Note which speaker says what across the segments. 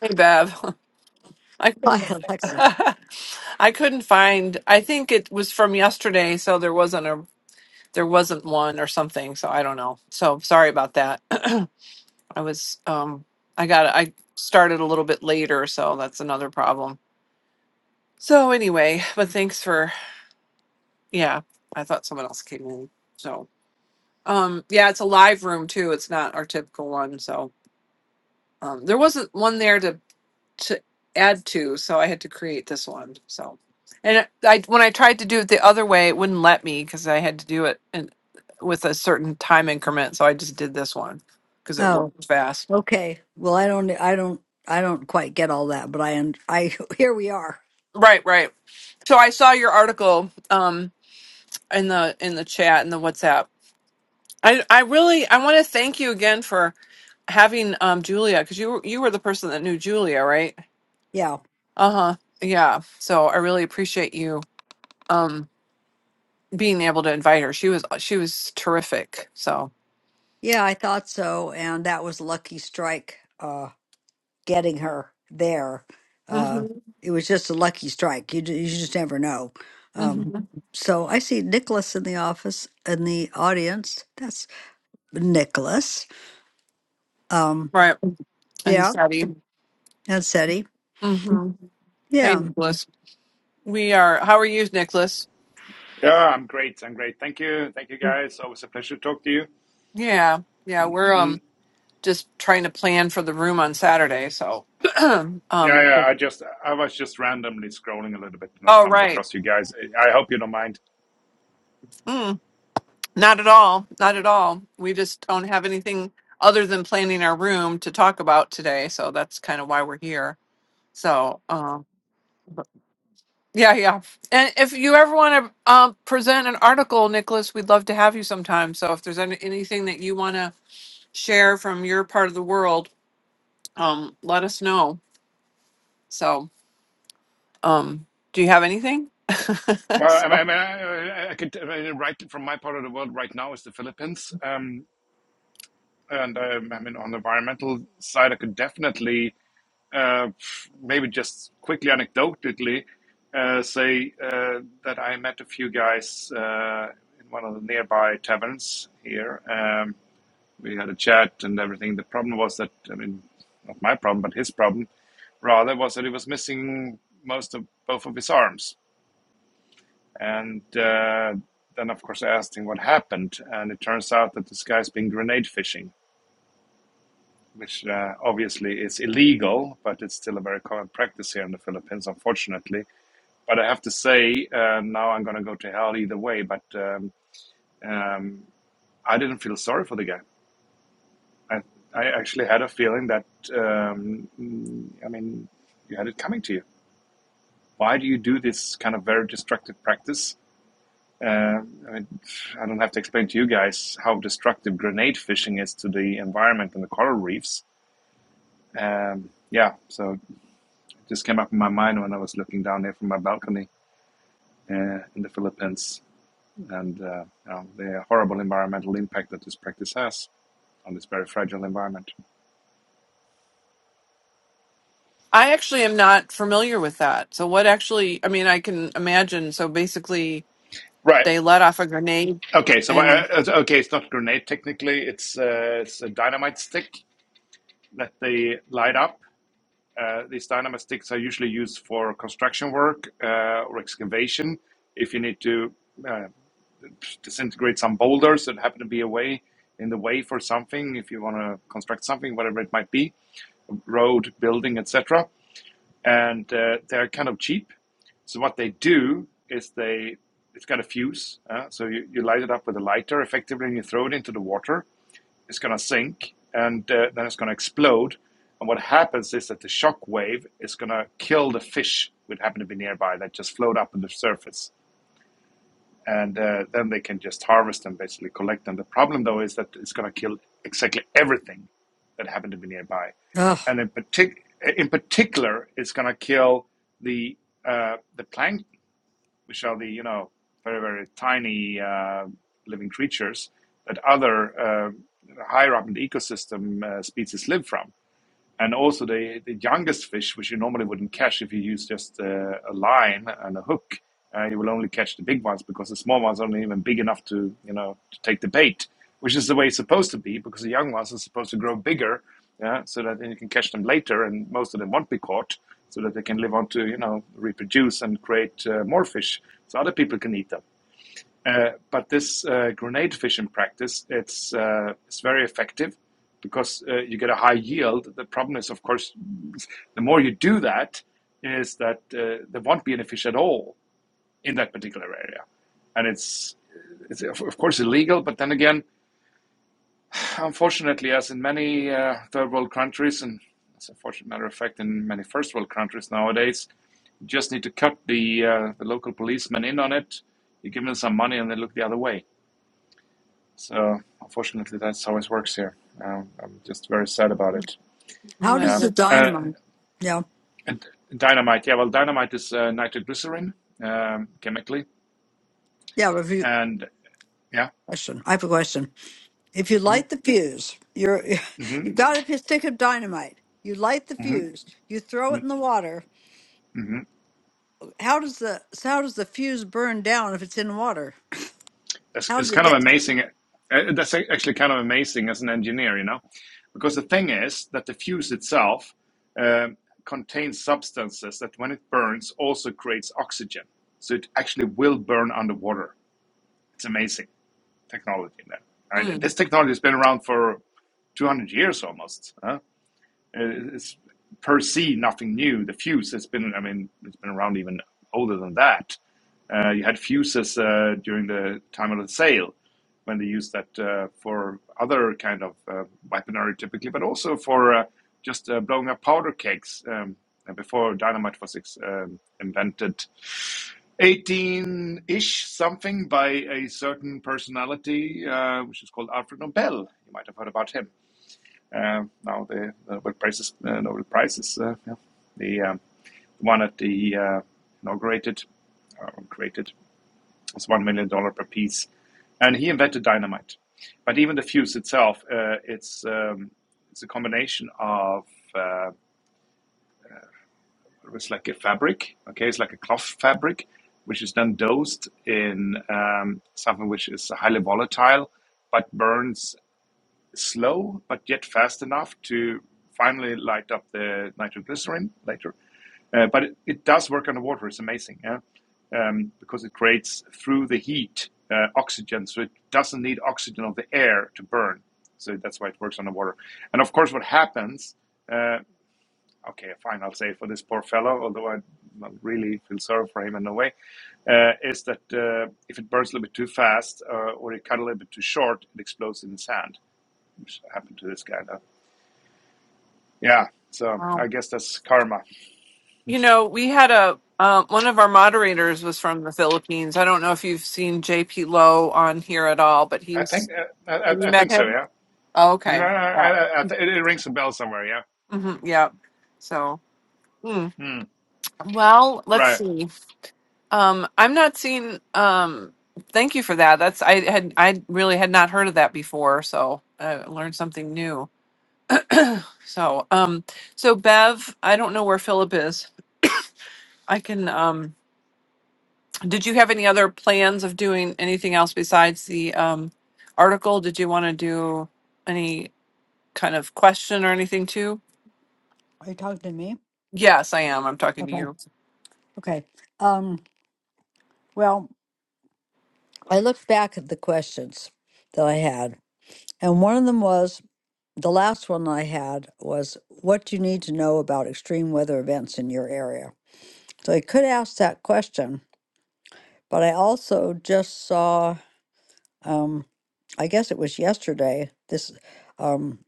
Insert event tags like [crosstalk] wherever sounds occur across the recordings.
Speaker 1: Hey Bev, [laughs] I
Speaker 2: Hi,
Speaker 1: couldn't. [laughs]
Speaker 2: Alexa.
Speaker 1: I couldn't find. I think it was from yesterday, so there wasn't a there wasn't one or something. So I don't know. So sorry about that. [clears throat] I was um I got I started a little bit later, so that's another problem. So anyway, but thanks for yeah. I thought someone else came in. So um yeah, it's a live room too. It's not our typical one. So um there wasn't one there to to add to, so I had to create this one. So, and I when I tried to do it the other way, it wouldn't let me because I had to do it and with a certain time increment. So I just did this one because it
Speaker 2: Oh,
Speaker 1: worked fast.
Speaker 2: okay. Well, I don't, I don't, I don't quite get all that, but I, un- I, [laughs] here we are.
Speaker 1: Right, right. So I saw your article um in the in the chat in the WhatsApp. I I really I want to thank you again for having um Julia because you were you were the person that knew Julia, right?
Speaker 2: Yeah,
Speaker 1: Uh huh. Yeah. So I really appreciate you. Um. being able to invite her. She was she was terrific. So
Speaker 2: yeah, I thought so, and that was lucky strike, uh, getting her there. Uh,
Speaker 1: hmm
Speaker 2: it was just a lucky strike. You, ju- you just never know. Um,
Speaker 1: hmm
Speaker 2: so I see Nicholas in the office in the audience. That's Nicholas. Um,
Speaker 1: right and
Speaker 2: yeah,
Speaker 1: steady.
Speaker 2: and Seti.
Speaker 1: hmm Hey
Speaker 2: Yeah.
Speaker 1: Nicholas, we are. How are you, Nicholas?
Speaker 3: Yeah, I'm great. I'm great. Thank you. Thank you, guys. Always a pleasure to talk to you.
Speaker 1: Yeah, yeah. We're
Speaker 3: Mm,
Speaker 1: um just trying to plan for the room on Saturday. So [clears throat] um
Speaker 3: yeah,
Speaker 1: oh
Speaker 3: yeah. I just, I was just randomly scrolling a little bit and I stumbled
Speaker 1: right,
Speaker 3: across you guys. I I hope you don't mind.
Speaker 1: mm, not at all, not at all. We just don't have anything other than planning our room to talk about today. So that's kind of why we're here. So um Yeah, yeah. And if you ever want to um, present an article, Nicholas, we'd love to have you sometime. So if there's any, anything that you want to share from your part of the world, um, let us know. So, um, do you have anything? [laughs]
Speaker 3: Well, I mean, I, mean, I, I could uh, right from my part of the world right now is the Philippines. Um, and um, I mean, on the environmental side, I could definitely, uh, maybe just quickly anecdotally, uh, say uh, that I met a few guys uh, in one of the nearby taverns here. Um, we had a chat and everything. The problem was that I mean, not my problem, but his problem rather was that he was missing most of both of his arms. And uh, then, of course, I asked him what happened, and it turns out that this guy's been grenade fishing, which uh, obviously is illegal, but it's still a very common practice here in the Philippines, unfortunately. But I have to say, uh, now I'm going to go to hell either way. But um, um, I didn't feel sorry for the guy I, I actually had a feeling that, um, mm, I mean, you had it coming to you. Why do you do this kind of very destructive practice? Uh, I mean, I don't have to explain to you guys how destructive grenade fishing is to the environment and the coral reefs. Um, yeah, so it just came up in my mind when I was looking down there from my balcony uh, in the Philippines and uh, you know, the horrible environmental impact that this practice has on this very fragile environment.
Speaker 1: I actually am not familiar with that. So what actually? I mean, I can imagine. So basically,
Speaker 3: Right.
Speaker 1: they let off a grenade,
Speaker 3: Okay, so uh,
Speaker 1: and
Speaker 3: okay, it's not a grenade technically. It's uh, it's a dynamite stick that they light up. Uh, these dynamite sticks are usually used for construction work uh, or excavation. If you need to uh, disintegrate some boulders that happen to be away in the way for something, if you want to construct something, whatever it might be, road, building, etc and uh, they're kind of cheap. So what they do is they it's got a fuse, uh, so you, you light it up with a lighter effectively, and you throw it into the water. It's gonna sink, and uh, then it's gonna explode. And what happens is that the shock wave is gonna kill the fish that happen to be nearby that just float up on the surface and uh, then they can just harvest them, basically collect them. The problem though is that it's going to kill exactly everything that happened to be nearby,
Speaker 2: Ugh,
Speaker 3: and in partic- in particular, it's going to kill the uh, the plankton, which are the you know very very tiny uh, living creatures that other uh, higher up in the ecosystem uh, species live from and also the, the youngest fish, which you normally wouldn't catch if you use just uh, a line and a hook, uh, you will only catch the big ones because the small ones aren't even big enough to, you know, to take the bait, which is the way it's supposed to be because the young ones are supposed to grow bigger yeah, so that then you can catch them later and most of them won't be caught so that they can live on to, you know, reproduce and create uh, more fish so other people can eat them. Uh, but this uh, grenade fishing practice, it's uh, it's very effective because uh, you get a high yield. The problem is, of course, [laughs] the more you do that, is that uh, there won't be any fish at all in that particular area, and it's it's of of course illegal, but then again, unfortunately, as in many uh, third world countries, and as a fortunate matter of fact, in many first world countries nowadays, you just need to cut the uh, the local policemen in on it. You give them some money, and they look the other way. So unfortunately, that's how it works here. Um, I'm just very sad about it.
Speaker 2: how
Speaker 1: [laughs]
Speaker 2: does
Speaker 3: Yeah.
Speaker 2: the
Speaker 1: yes,
Speaker 3: Uh,
Speaker 2: dynamo? Yeah,
Speaker 3: and dynamite. Yeah. Well, dynamite is uh, nitroglycerin um, chemically,
Speaker 2: yeah. Review
Speaker 3: and yeah.
Speaker 2: question. I have a question. If you light
Speaker 3: Mm-hmm,
Speaker 2: the fuse, you're [laughs] you've got a p- stick of dynamite. You light the
Speaker 3: mm-hmm,
Speaker 2: fuse. You throw
Speaker 3: mm-hmm.
Speaker 2: it in the water.
Speaker 3: mm
Speaker 2: How does the so how does the fuse burn down if it's in water?
Speaker 3: It's,
Speaker 2: How
Speaker 3: it's
Speaker 2: does it
Speaker 3: kind of
Speaker 2: get?
Speaker 3: amazing. Uh, that's actually kind of amazing as an engineer, you know, because the thing is that the fuse itself um, contains substances that, when it burns, also creates oxygen. So it actually will burn underwater. It's amazing. technology then. And
Speaker 1: Hmm.
Speaker 3: this technology has been around for 200 years almost. Huh? It's per se nothing new. The fuse has been, I mean, it's been around even older than that. Uh, you had fuses uh, during the time of the sale when they used that uh, for other kind of uh, weaponry typically, but also for uh, just uh, blowing up powder kegs um, before dynamite was ex- um, invented 18-ish something by a certain personality, uh, which is called Alfred Nobel. You might have heard about him. Um now the, the Nobel Prize is, uh, Nobel Prize is uh, yeah, the um, one that he uh, inaugurated, uh, created, it's one million dollar per piece, and he invented dynamite. But even the fuse itself, uh, it's um, it's a combination of uh, it's like a fabric. Okay, it's like a cloth fabric, which is then dosed in um, something which is highly volatile, but burns slow, but yet fast enough to finally light up the nitroglycerin later. Uh, but it, it does work on the water; It's amazing, yeah, um, because it creates through the heat uh, oxygen, so it doesn't need oxygen of the air to burn. So that's why it works on the water. And of course, what happens? uh, okay, fine, I'll say for this poor fellow, although I not really feel sorry for him in a way, uh, is that uh, if it burns a little bit too fast uh, or it cut a little bit too short, it explodes in the sand, which happened to this guy. Though. Yeah, so
Speaker 1: wow.
Speaker 3: I guess that's karma.
Speaker 1: You know, we had a um, one of our moderators was from the Philippines. I don't know if you've seen JP Lowe on here at all, but
Speaker 3: I
Speaker 1: he's
Speaker 3: think uh, I,
Speaker 1: have you
Speaker 3: I I
Speaker 1: met
Speaker 3: think so.
Speaker 1: him?
Speaker 3: Yeah,
Speaker 1: Oh,
Speaker 3: no,
Speaker 1: okay,
Speaker 3: I,
Speaker 1: yeah,
Speaker 3: I, I th- it, rings a bell somewhere. Yeah,
Speaker 1: hmm yeah. So, hmm.
Speaker 3: Hmm,
Speaker 1: well, let's
Speaker 3: right.
Speaker 1: see. Um, I'm not seeing. Um, thank you for that. That's I had I really had not heard of that before, so I learned something new. So, um, so Bev, I don't know where Philip is. I can. Um, Did you have any other plans of doing anything else besides the um, article? Did you want to do any kind of question or anything too?
Speaker 2: Are you talking to me?
Speaker 1: Yes, I am. I'm talking to
Speaker 2: Okay.
Speaker 1: you.
Speaker 2: Okay. Um, well, I looked back at the questions that I had, and one of them was the last one I had was what do you need to know about extreme weather events in your area. So I could ask that question, but I also just saw. um, I guess it was yesterday, this um,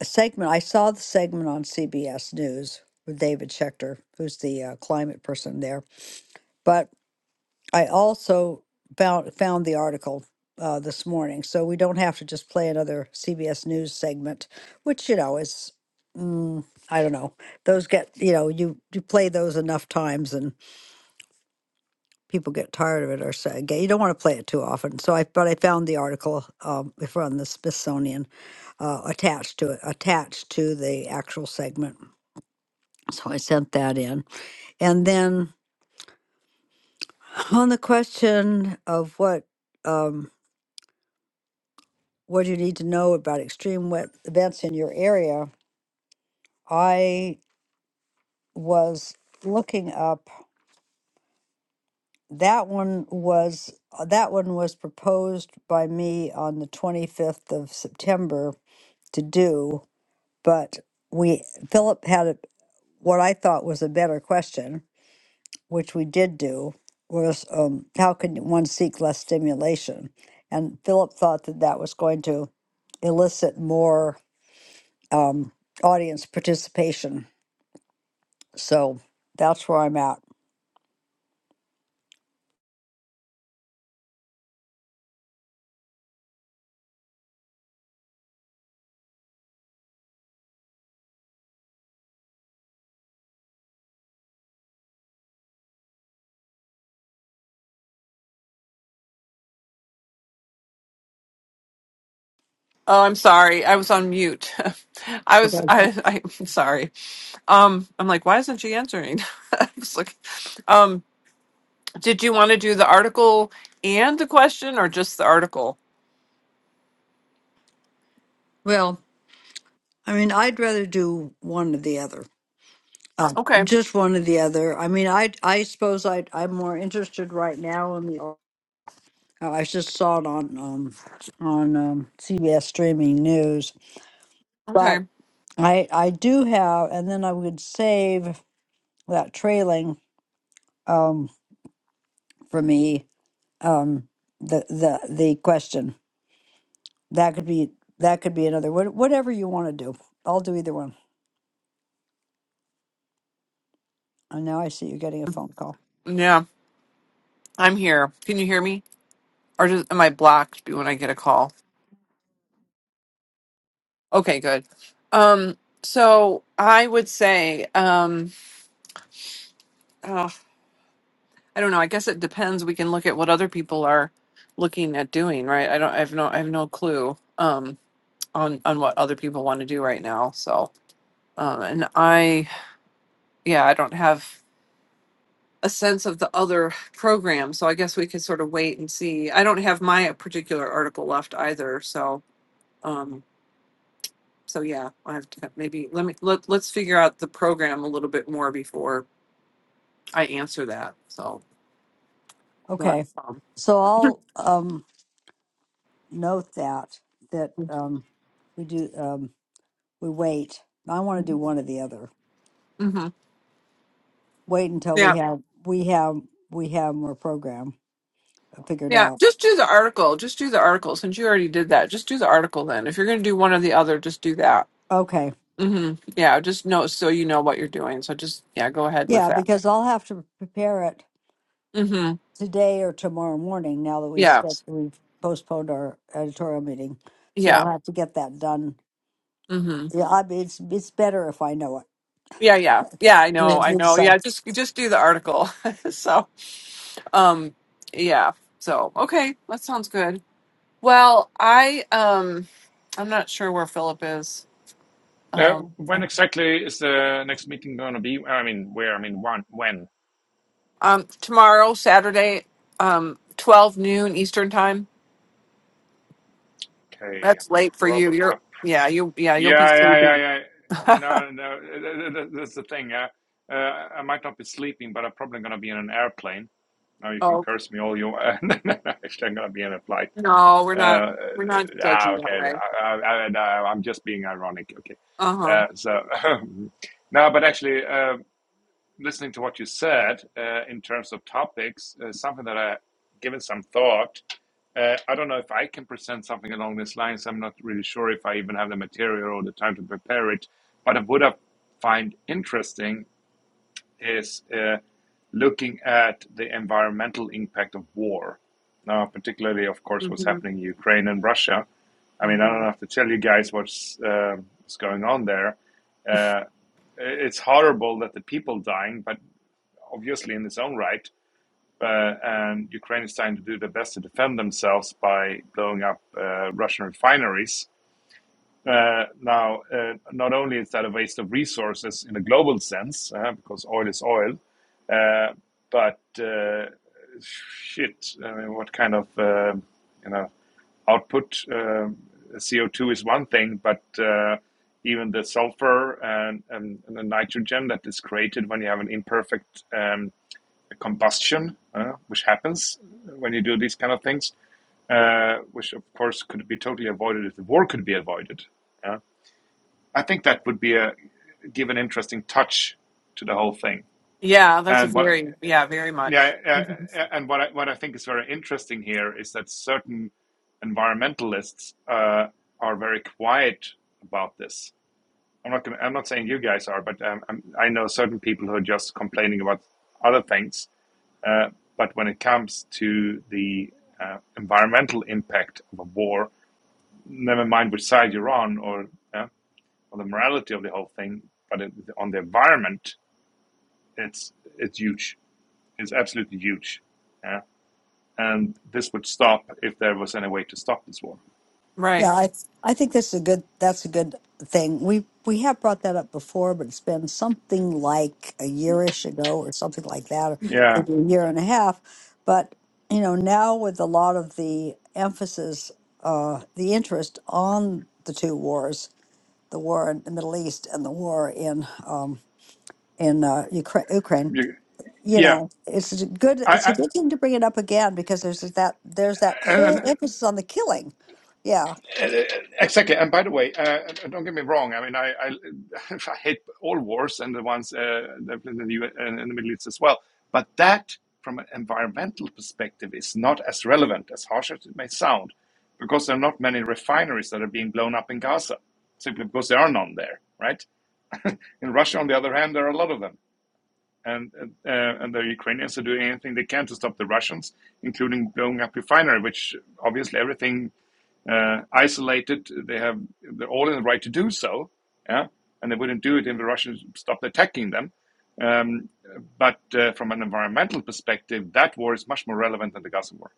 Speaker 2: a segment, I saw the segment on CBS News with David Schechter, who's the uh, climate person there. But I also found, found the article uh, this morning. So we don't have to just play another CBS News segment, which, you know, is, mm, I don't know, those get, you know, you, you play those enough times and. people get tired of it or say "Okay, you don't want to play it too often. So I, but I found the article um, from the Smithsonian uh, attached to it, attached to the actual segment. So I sent that in, and then [laughs] on the question of what um, what do you need to know about extreme wet events in your area, I was looking up that one was uh, that one was proposed by me on the 25th of September to do but we Philip had a, what I thought was a better question, which we did do, was um, how can one seek less stimulation? And Philip thought that that was going to elicit more um, audience participation. So that's where I'm at.
Speaker 1: Oh, I'm sorry. I was on mute. [laughs] I was. I, [laughs] I. I'm sorry. Um, I'm like, why isn't she answering? [laughs] I was like, um, did you want to do the article and the question, or just the article?
Speaker 2: Well, I mean, I'd rather do one or the other. Uh,
Speaker 1: Okay.
Speaker 2: just one or the other. I mean, I I suppose I I'm more interested right now in the Oh, I just saw it on um, on um, CBS streaming news.
Speaker 1: Okay.
Speaker 2: But I I do have, and then I would save that trailing um, for me um, the the the question that could be that could be another what, whatever you want to do. I'll do either one. And now I see you're getting a phone call.
Speaker 1: Yeah, I'm here. Can you hear me, or just, am I blocked when I get a call? Okay, good. Um, so I would say, um, oh, I don't know. I guess it depends. We can look at what other people are looking at doing, right? I don't. I have no. I have no clue um, on on what other people want to do right now. So, um, and I, yeah, I don't have a sense of the other program. So I guess we could sort of wait and see. I don't have my particular article left either. So, um, so yeah, I have to maybe let me let let's figure out the program a little bit more before I answer that. So, but
Speaker 2: Okay,
Speaker 1: um,
Speaker 2: so I'll um, note that that um, we do um, we wait. I want to do one or the other.
Speaker 1: mhm.
Speaker 2: wait until we
Speaker 1: yeah,
Speaker 2: have we have we have more program figured
Speaker 1: yeah.
Speaker 2: out.
Speaker 1: Just do the article. Just do the article. Since you already did that, just do the article. Then, if you're going to do one or the other, just do that.
Speaker 2: Okay.
Speaker 1: hmm Yeah, just know so you know what you're doing. So just yeah, go ahead with
Speaker 2: Yeah,
Speaker 1: that.
Speaker 2: because I'll have to prepare it
Speaker 1: hmm
Speaker 2: today or tomorrow morning now that we
Speaker 1: Yeah,
Speaker 2: scheduled, we've postponed our editorial meeting. So
Speaker 1: yeah.
Speaker 2: I'll have to get that done.
Speaker 1: hmm
Speaker 2: Yeah, I mean, it's it's better if I know
Speaker 1: Yeah, yeah,
Speaker 2: it.
Speaker 1: yeah.
Speaker 2: [laughs]
Speaker 1: I
Speaker 2: Yeah,
Speaker 1: know, I know.
Speaker 2: it's- uh,
Speaker 1: Yeah, just just do the article. [laughs] so, um, yeah. So okay, that sounds good. Well, I um, I'm not sure where Philip is.
Speaker 3: Uh, when
Speaker 1: Um,
Speaker 3: exactly is the next meeting going to be? I mean, where? I mean, one, when?
Speaker 1: Um, tomorrow, Saturday, um, twelve noon Eastern time.
Speaker 3: Okay,
Speaker 1: That's late for you.
Speaker 3: probably.
Speaker 1: You're yeah, you yeah, you'll be
Speaker 3: Yeah, yeah, yeah,
Speaker 1: sleeping.
Speaker 3: yeah.
Speaker 1: [laughs]
Speaker 3: No, no, th- th- that's the thing. Uh, uh, I might not be sleeping, but I'm probably going to be in an airplane. Now you can
Speaker 1: oh
Speaker 3: curse me all you want. [laughs] Actually, I'm going to be in a flight.
Speaker 1: no, we're
Speaker 3: Uh,
Speaker 1: not.
Speaker 3: uh,
Speaker 1: We're not
Speaker 3: ah,
Speaker 1: judging that
Speaker 3: okay.
Speaker 1: way.
Speaker 3: I, I, I, no, I'm just being ironic. Okay.
Speaker 1: Uh huh.
Speaker 3: Uh, so, [laughs] no, but actually, uh, listening to what you said uh, in terms of topics, uh, something that I given some thought. Uh, I don't know if I can present something along these lines. I'm not really sure if I even have the material or the time to prepare it. What I would have find interesting is uh, looking at the environmental impact of war. Now, particularly, of course, what's
Speaker 1: hmm
Speaker 3: happening in Ukraine and Russia. I mean, I don't
Speaker 1: hmm
Speaker 3: have to tell you guys what's uh, what's going on there. Uh, it's horrible that the people dying, but obviously in its own right. Uh, and Ukraine is trying to do their best to defend themselves by blowing up uh, Russian refineries. Uh, now, uh, not only is that a waste of resources in a global sense, uh, because oil is oil, uh, but uh, shit, I mean, what kind of uh, you know output? um CO2 is one thing, but uh, even the sulfur and, and, and the nitrogen that is created when you have an imperfect um, the combustion, uh, which happens when you do these kind of things, uh, which of course could be totally avoided if the war could be avoided. Yeah. I think that would be a give an interesting touch to the whole thing.
Speaker 1: Yeah, that's a
Speaker 3: And what
Speaker 1: very yeah, very
Speaker 3: yeah,
Speaker 1: much. hmm
Speaker 3: uh, and what I, what I think is very interesting here is that certain environmentalists uh, are very quiet about this. I'm not gonna, I'm not saying you guys are, but um, i I know certain people who are just complaining about other things uh, But when it comes to the uh, environmental impact of a war, never mind which side you're on or yeah, or the morality of the whole thing, but it, on the environment, it's it's huge. It's absolutely huge. Yeah, and this would stop if there was any way to stop this war.
Speaker 1: Right.
Speaker 2: Yeah, I I think that's a good that's a good thing. We we have brought that up before, but it's been something like a yearish ago or something like that, or
Speaker 3: Yeah,
Speaker 2: maybe a year and a half. But you know, now with a lot of the emphasis, uh, the interest on the two wars, the war in the Middle East and the war in um, in uh, Ukra- Ukraine, you
Speaker 3: yeah.
Speaker 2: know, it's a good
Speaker 3: I,
Speaker 2: it's a
Speaker 3: I
Speaker 2: good thing to bring it up again because there's that there's that
Speaker 3: and, and
Speaker 2: whole emphasis on the killing. Yeah,
Speaker 3: Uh, Exactly. And by the way, uh, uh, don't get me wrong. I mean, I, I, [laughs] I hate all wars and the ones uh, in the U S and in the Middle East as well. But that, from an environmental perspective, is not as relevant, as harsh as it may sound, because there are not many refineries that are being blown up in Gaza, simply because there are none there, right? In Russia, on the other hand, there are a lot of them. And, uh, and the Ukrainians are doing anything they can to stop the Russians, including blowing up refinery, which obviously everything uh, isolated. They have they're all in the right to do so, yeah, and they wouldn't do it if the Russians stopped attacking them. Um, but uh, from an environmental perspective, that war is much more relevant than the Gaza war.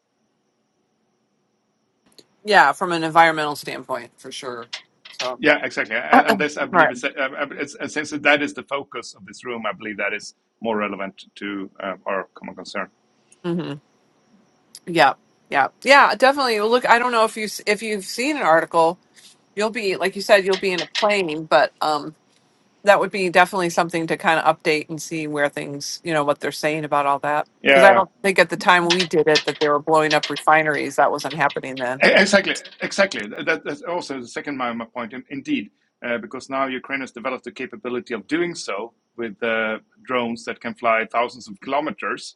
Speaker 1: Yeah, from an environmental standpoint, for sure. So
Speaker 3: Yeah, exactly.
Speaker 1: [coughs]
Speaker 3: And, and
Speaker 1: [clears throat]
Speaker 3: this, I believe,
Speaker 1: right.
Speaker 3: is uh, uh, it's, since that is the focus of this room, I believe that is more relevant to uh, our common concern.
Speaker 1: hmm Yeah. Yeah. Yeah. Definitely. Well, Look, I don't know if you if you've seen an article. You'll be like you said, you'll be in a plane, but um that would be definitely something to kind of update and see where things, you know, what they're saying about all that. Because I
Speaker 3: Yeah.
Speaker 1: don't think at the time we did it that they were blowing up refineries. That wasn't happening then.
Speaker 3: E-, Exactly, exactly. That, that's also the second my, my point. in- Indeed, uh, because now Ukraine has developed the capability of doing so with uh, drones that can fly thousands of kilometers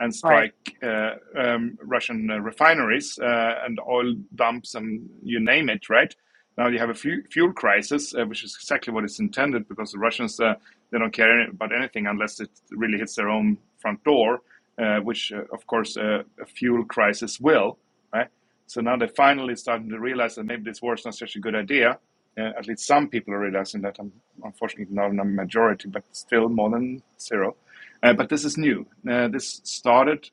Speaker 3: and
Speaker 1: Right.
Speaker 3: strike uh, um, Russian uh, refineries uh, and oil dumps and you name it. Right now, you have a fu- fuel crisis, uh, which is exactly what it's intended, because the Russians uh, they don't care any- about anything unless it really hits their own front door, uh, which uh, of course uh, a fuel crisis will. Right? So now they're finally starting to realize that maybe this war is not such a good idea. Uh, at least some people are realizing that. I'm unfortunately, not a majority, but still more than zero. Uh, but this is new. Uh, this started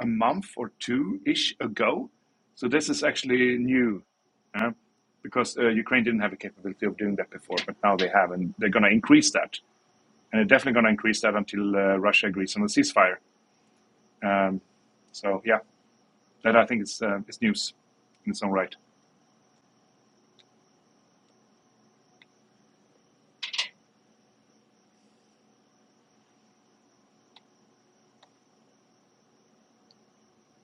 Speaker 3: a month or two ish ago. So this is actually new uh, because uh, Ukraine didn't have the capability of doing that before, but now they have, and they're going to increase that. And they're definitely going to increase that until uh, Russia agrees on a ceasefire. Um, so, yeah, that I think is, uh, is news in its own right.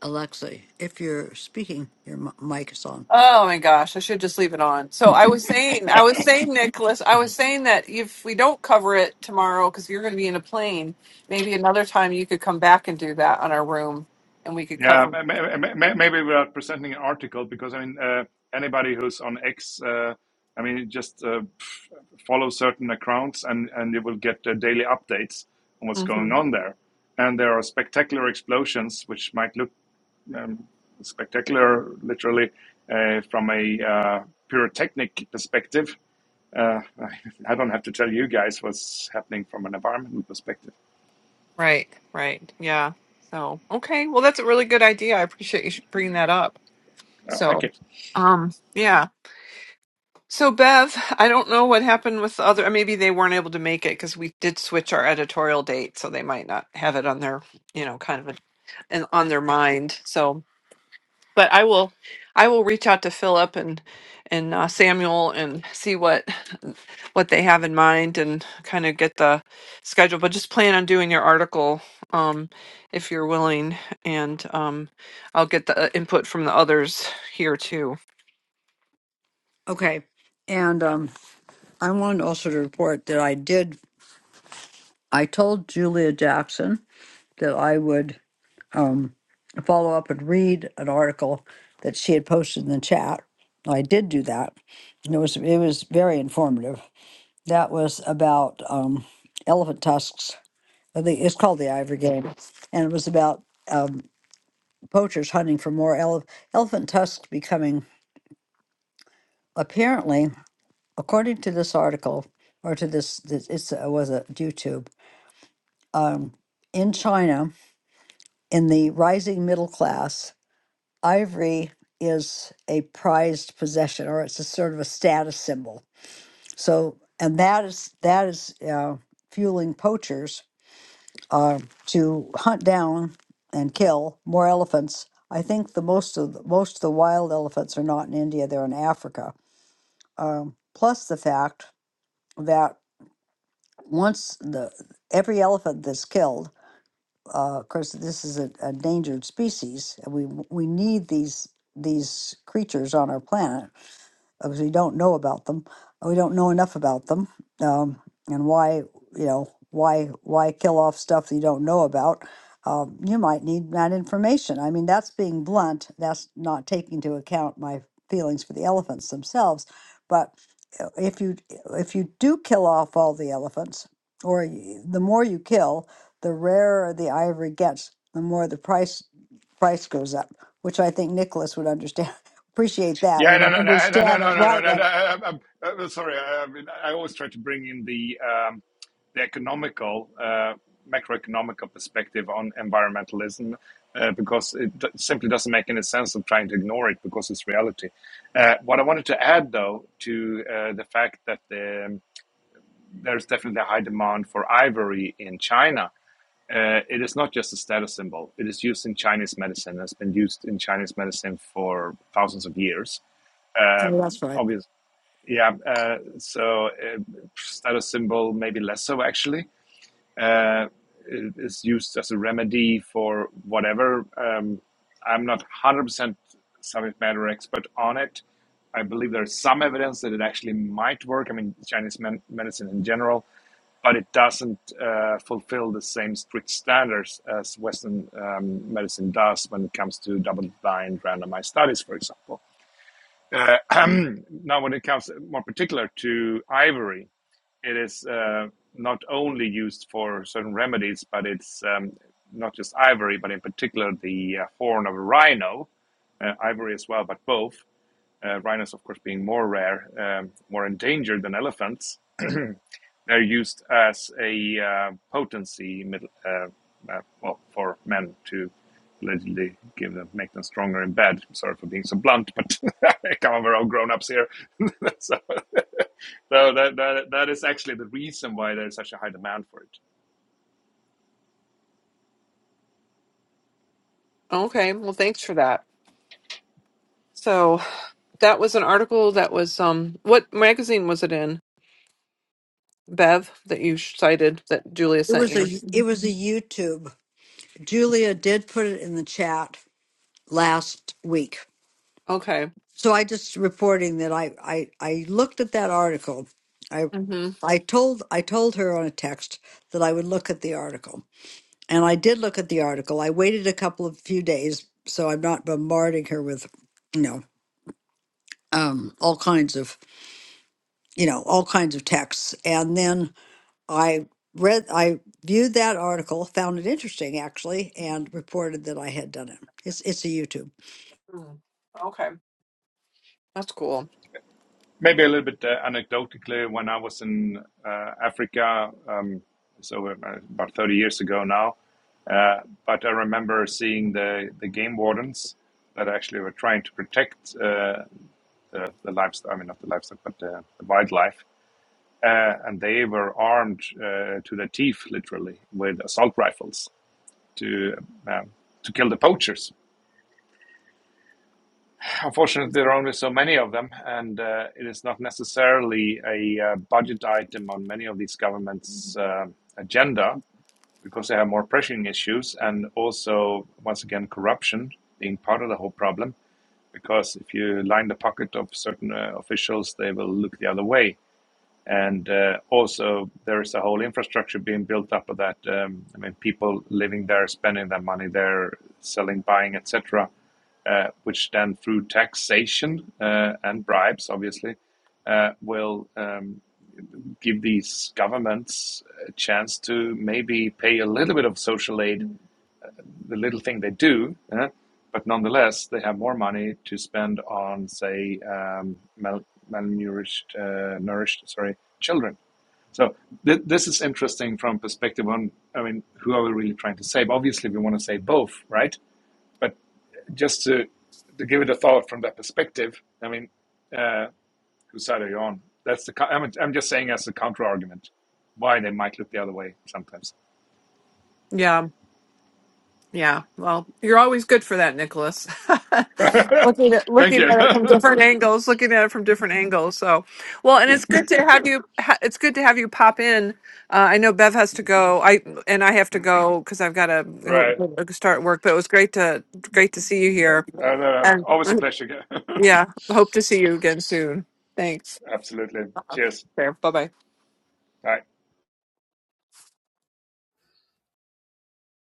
Speaker 2: Alexa, if you're speaking, your m- mic is on.
Speaker 1: Oh my gosh, I should just leave it on. So I was saying, I was saying, Nicholas, I was saying that if we don't cover it tomorrow, because you're going to be in a plane, maybe another time you could come back and do that on our room and we could
Speaker 3: Yeah,
Speaker 1: cover.
Speaker 3: ma- ma- ma- ma- maybe without presenting an article, because I mean, uh, anybody who's on X, uh, I mean, just uh, pff, follow certain accounts, and and you will get uh, daily updates on what's
Speaker 1: hmm
Speaker 3: going on there. And there are spectacular explosions, which might look um, spectacular, literally, uh, from a uh, pyrotechnic perspective. Uh, [laughs] I don't have to tell you guys what's happening from an environmental perspective.
Speaker 1: Right, right. Yeah. So, okay. Well, that's a really good idea. I appreciate you sh- bringing that up.
Speaker 3: Uh, thank
Speaker 1: So,
Speaker 3: you.
Speaker 1: um, yeah. So Bev, I don't know what happened with the other. uh, Maybe they weren't able to make it because we did switch our editorial date, so they might not have it on their, you know, kind of, a, and on their mind. So, but I will, I will reach out to Philip and and uh, Samuel and see what what they have in mind and kind of get the schedule. But just plan on doing your article, um, if you're willing, and um, I'll get the uh, input from the others here too
Speaker 2: Okay. And um, I wanted also to report that I did, I told Julia Jackson that I would um, follow up and read an article that she had posted in the chat. I did do that. And it was, it was very informative. That was about um, elephant tusks. I think it's called the Ivory Game. And it was about um, poachers hunting for more ele- elephant tusks becoming apparently. according to this article or to this, this it's uh, was a YouTube um, in China in the rising middle class, ivory is a prized possession or it's a sort of a status symbol. So and that is that is uh, fueling poachers uh, to hunt down and kill more elephants. I think the most of the, most of the wild elephants are not in India; they're in Africa. Um, plus the fact that once the every elephant that's killed, uh, of course, this is an endangered species, and we we need these these creatures on our planet because we don't know about them. We don't know enough about them. Um, and why, you know, why, why kill off stuff you don't know about? Um, you might need that information. I mean, that's being blunt. That's not taking into account my feelings for the elephants themselves. But uh, if you if you do kill off all the elephants, or you, the more you kill, the rarer the ivory gets, the more the price price goes up, which I think Nicholas would understand appreciate that.
Speaker 3: Yeah,
Speaker 2: You
Speaker 3: no,
Speaker 2: know,
Speaker 3: no, no, no, no,
Speaker 2: understand it
Speaker 3: no, no,
Speaker 2: right,
Speaker 3: no. no.
Speaker 2: right.
Speaker 3: I, I, I'm uh, well, sorry. I, I always try to bring in the um, the economical, uh, macroeconomical perspective on environmentalism uh, because it d- simply doesn't make any sense of trying to ignore it because it's reality. Uh, what I wanted to add, though, to uh, the fact that um, there's definitely a high demand for ivory in China uh, it is not just a status symbol. It is used in Chinese medicine. It's been used in Chinese medicine for thousands of years. Uh,
Speaker 2: Oh, that's right.
Speaker 3: obvious, yeah. Uh, so uh, status symbol maybe less so actually uh, it is used as a remedy for whatever. Um, I'm not 100% subject matter expert on it. I believe there's some evidence that it actually might work. I mean, Chinese men- medicine in general, but it doesn't uh, fulfill the same strict standards as Western um, medicine does when it comes to double-blind randomized studies, for example. Uh, [clears throat] now, when it comes more particular to ivory, it is uh, not only used for certain remedies, but it's um, not just ivory, but in particular the uh, horn of a rhino, uh, ivory as well, but both. Uh, rhinos, of course, being more rare, um, more endangered than elephants, they're used as a uh, potency, uh, uh, well, for men to allegedly give them, make them stronger in bed. Sorry for being so blunt, but [laughs] come on, we're all grown ups here. [laughs] so, [laughs] so that, that that is actually the reason why there's such a high demand for it.
Speaker 1: Okay, well, thanks for that. So that was an article that was um, what magazine was it in? Bev that you sh- cited that Julia
Speaker 2: It
Speaker 1: sent
Speaker 2: was a
Speaker 1: you.
Speaker 2: it was a YouTube. Julia did put it in the chat last week.
Speaker 1: Okay.
Speaker 2: So I just reporting that I I, I looked at that article. I
Speaker 1: Mm-hmm.
Speaker 2: I told I told her on a text that I would look at the article. And I did look at the article. I waited a couple of few days so I'm not bombarding her with, you know, um all kinds of, you know, all kinds of texts. And then I read, I viewed that article, found it interesting actually, and reported that I had done it. It's it's a YouTube.
Speaker 1: Okay, that's cool.
Speaker 3: Maybe a little bit uh, anecdotally, when I was in uh, Africa, um, so uh, about 30 years ago now, uh, but I remember seeing the, the game wardens that actually were trying to protect uh, the, the livestock, I mean, not the livestock, but uh, the wildlife. Uh, and they were armed uh, to the teeth, literally, with assault rifles to, um to kill the poachers Unfortunately, there are only so many of them, and uh, it is not necessarily a uh, budget item on many of these governments' uh, agenda because they have more pressing issues and also, once again, corruption being part of the whole problem. Because if you line the pocket of certain uh, officials, they will look the other way. And uh, also, there is a whole infrastructure being built up of that. Um, I mean, people living there, spending their money there, selling, buying, etc., uh, which then through taxation uh, and bribes, obviously, uh, will um, give these governments a chance to maybe pay a little bit of social aid, the little thing they do, uh, but nonetheless, they have more money to spend on, say, um, mal- malnourished, uh, nourished, sorry, children so th- this is interesting from perspective on, I mean, who are we really trying to save? Obviously, we want to save both, right? But just to, to give it a thought from that perspective, I mean, uh, whose side are you on? That's the. I'm, I'm just saying as a counter argument, why they might look the other way sometimes.
Speaker 1: Yeah, yeah. Well, you're always good for that, Nicholas. [laughs]
Speaker 3: [laughs]
Speaker 1: looking at
Speaker 3: Thank
Speaker 1: looking
Speaker 3: you. [laughs]
Speaker 1: at it from different angles, looking at it from different angles. So, well, and it's good to have you. ha- It's good to have you pop in. Uh, I know Bev has to go. I and I have to go because I've got to
Speaker 3: right.
Speaker 1: go start work. But it was great to great to see you
Speaker 3: No,
Speaker 1: here,
Speaker 3: no, no, no.
Speaker 1: and
Speaker 3: Always a
Speaker 1: [clears throat]
Speaker 3: pleasure.
Speaker 1: yeah, hope to see you again soon. Thanks.
Speaker 3: [laughs] Absolutely. Cheers.
Speaker 1: Fair. Bye bye.
Speaker 3: Bye.